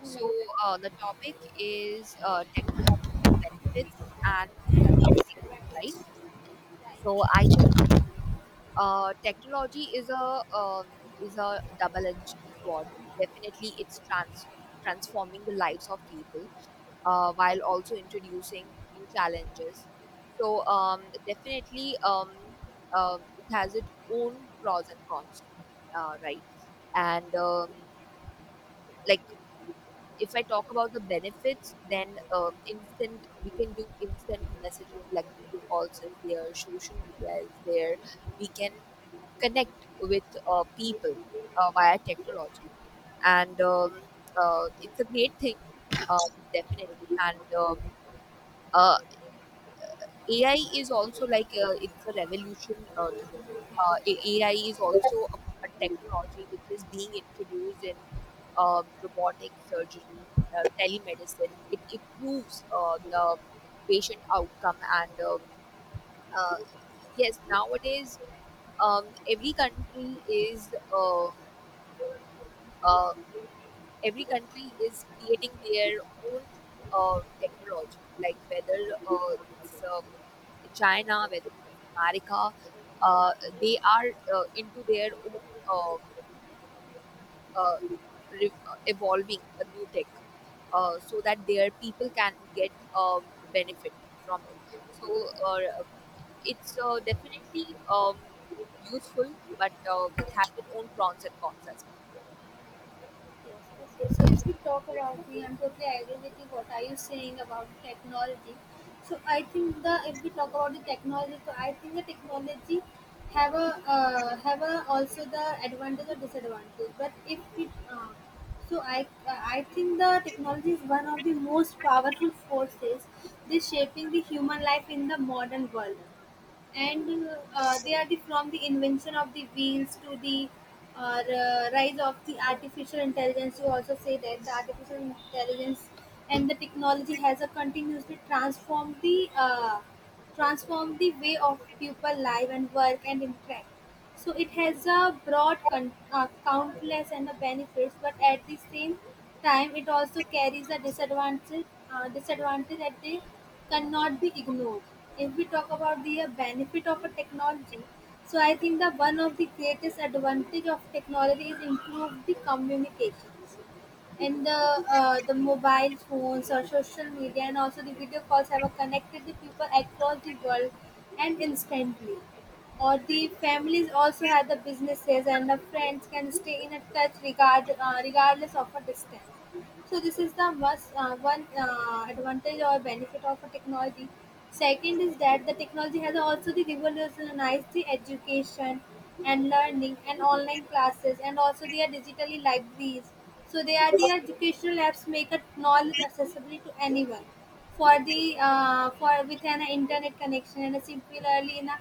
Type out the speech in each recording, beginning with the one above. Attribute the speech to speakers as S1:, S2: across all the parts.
S1: So the topic is technology benefits and disadvantages, right? So I think technology is a is a double-edged sword. Definitely, it's transforming the lives of people while also introducing new challenges. So um, definitely, it has its own pros and cons, right? And like if I talk about the benefits, then instant we can do instant messaging like video calls is there, social media is there. We can connect with people via technology, and it's a great thing, um, definitely. And uh, AI is also like it's a revolution today. AI is also a technology which is being introduced in robotic surgery, telemedicine. It improves the patient outcome, and uh, yes, nowadays um, every country is um, uh, every country is creating their own technology, like whether uh, it's China, whether it's America, uh, they are into their own um, uh, evolving a new tech so that their people can get um, benefit from it. So uh, it's definitely useful, but it has its own pros and cons as well.
S2: Yes. Okay. So if we talk about the, I'm totally agree with you what are you saying about technology. So I think the if we talk about the technology, so I think the technology have a have a also the advantage or disadvantage. But if we so I think the technology is one of the most powerful forces this shaping the human life in the modern world and they are the from the invention of the wheels to the rise of the artificial intelligence you also say that the artificial intelligence and the technology has a continuously transformed the way of people live and work and interact so it has a broad countless and the benefits, but at the same time, it also carries a disadvantage. Disadvantage that they cannot be ignored. If we talk about the benefit of a technology, so I think that one of the greatest advantage of technology is improve the communications and the mobile phones or social media and also the video calls have connected the people across the world and instantly or the families also have the businesses and the friends can stay in a touch regardless of a distance so this is the was, one advantage or benefit of a technology. Second is that the technology has also the revolutionized the education and learning and online classes and also they are digitally libraries. So they are the educational apps make a knowledge accessible to anyone for the for with an internet connection and similarly in a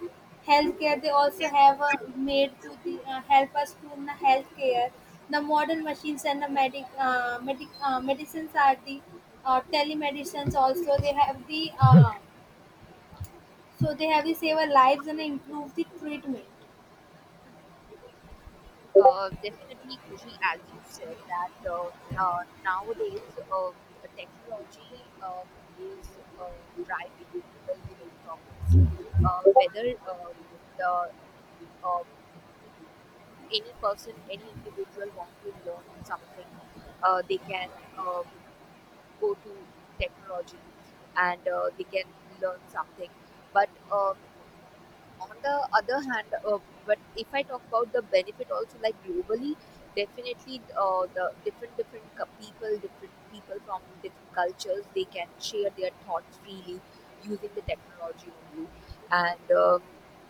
S2: healthcare they also have made to the help us to in the healthcare the modern machines and the medicines are the telemedicines also they have the so they have the save our lives and improve the treatment.
S1: Definitely, Kushi, as you said, that nowadays uh, uh, technology is uh, driving the human progress. Whether the uh, any person, any individual want to learn something, they can um, go to technology and they can learn something. But on the other hand, but if I talk about the benefit also, like globally, definitely the people, different people from different cultures, they can share their thoughts freely using the technology only. And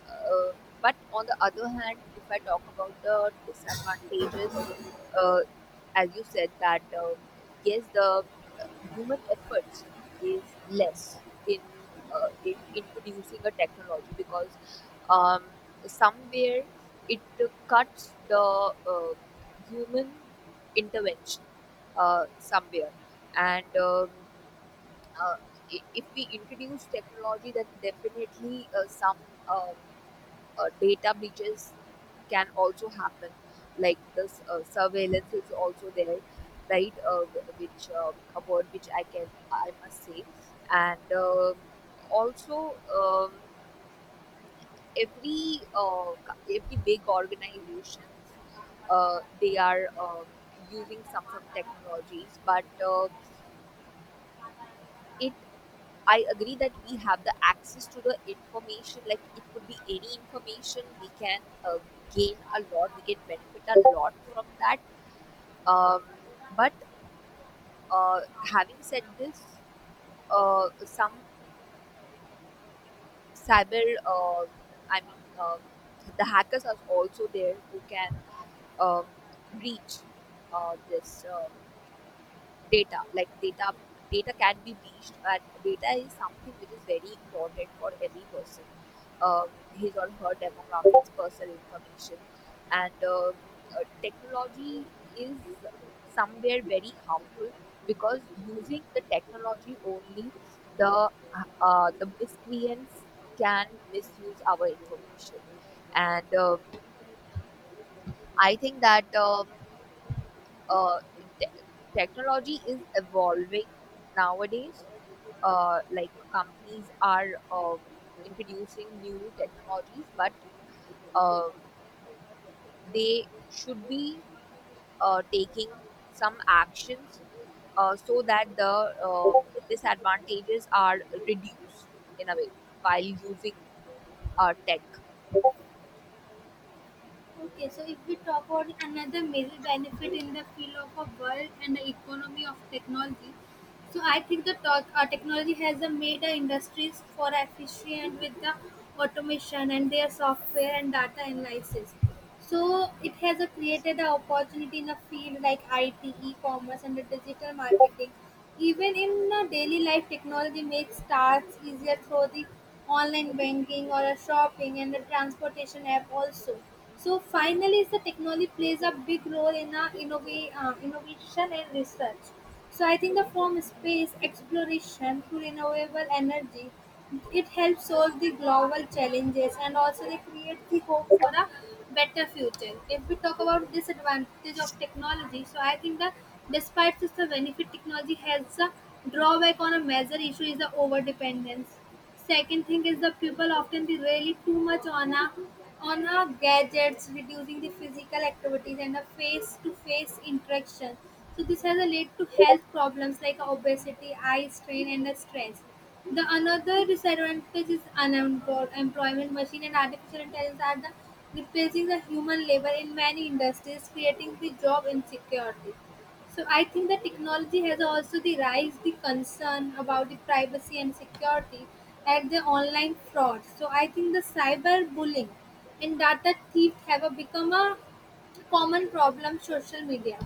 S1: uh, but on the other hand, if I talk about the disadvantages, uh, as you said that yes, the human efforts is less in in introducing a technology because um, somewhere it cuts the uh, human intervention somewhere and uh, if we introduce technology then definitely some um, data breaches can also happen like this surveillance is also there, right, which a word which I can, I must say. And um, also um, every uh, every big organizations they are using some technologies, but it I agree that we have the access to the information, like it could be any information. We can gain a lot, we can benefit a lot from that. Um, but uh, having said this, some cyber I mean the hackers are also there who can um, breach this data. Like data, data can be breached, and data is something which is very important for every person. Um, his or her demographics, personal information, and technology is somewhere very harmful because using the technology only, the the miscreants can misuse our information, and I think that uh, te- technology is evolving nowadays. Like companies are introducing new technologies, but uh, they should be taking some actions so that the disadvantages are reduced in a way while using tech.
S2: Okay, so if we talk about another major benefit in the field of a world and the economy of technology, so I think the technology has made industries for efficient with the automation and their software and data analysis. So it has created an opportunity in a field like I T, e commerce and the digital marketing. Even in daily life, technology makes tasks easier through the online banking or a shopping and the transportation app also. So finally, the technology plays a big role in innovation and research so I think the form space exploration through renewable energy it helps solve the global challenges and also they create the hope for a better future. If we talk about disadvantage of technology, so I think that despite just the benefit technology has a drawback on a major issue is the over dependence. Second thing is the people often really too much on a gadgets, reducing the physical activities and a face-to-face interaction. So this has a led to health problems like obesity, eye strain, and the stress. The another disadvantage is unemployment. Machine and artificial intelligence are the replacing the human labor in many industries, creating the job insecurity. So I think the technology has also the rise the concern about the privacy and security at the online fraud. So I think the cyberbullying and data theft have a become a common problem social media.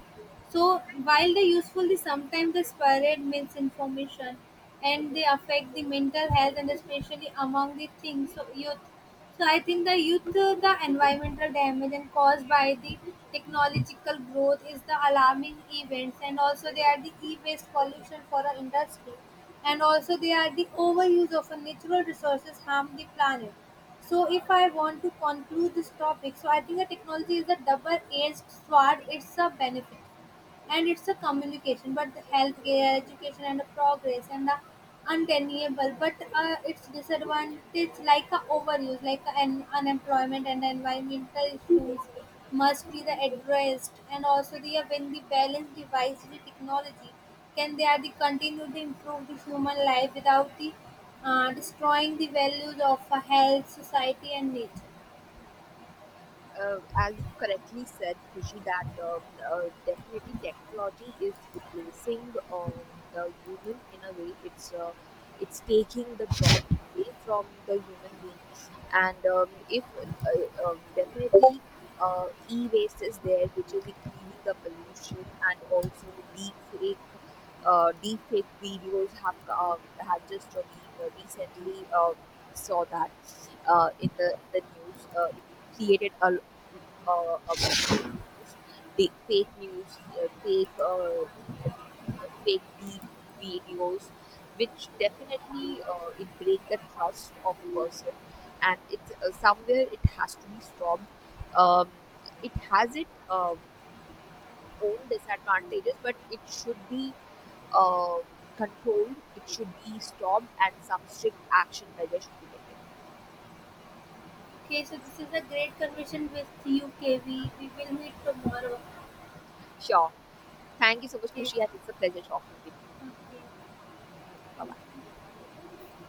S2: So while they usefully sometimes they spread misinformation and they affect the mental health and especially among the things so youth. So I think the youth the environmental damage and caused by the technological growth is the alarming events and also they are the e-waste pollution for our industry and also they are the overuse of our natural resources harm the planet. So if I want to conclude this topic, so I think the technology is a double-edged sword. It's a benefit and it's a communication but the healthcare education and the progress and the undeniable but its disadvantage like a overuse like an unemployment and environmental issues must be the addressed and also the when the balance device the technology can they are the continue to improve the human life without the destroying the values of health society and nature.
S1: As you correctly said, Khushi, that uh, definitely technology is replacing the human in a way. It's taking the job away from the human being, and if definitely e-waste is there, which is increasing the pollution, and also deep fake deep fake videos have just we recently saw that in the news. It created a uh, uh, big fake news, uh, fake deep videos, which definitely it break the trust of a person, and it's somewhere it has to be stopped. Um, it has its own disadvantages, but it should be uh, controlled. It should be stopped, and some strict action measure should be taken.
S2: Okay, so this is a great conversation with you, KV. We will meet tomorrow.
S1: Sure. Thank you so much,
S2: Okay.
S1: Kushi. It's a pleasure talking with you.
S2: う
S1: Okay, bye. Bye.
S2: ん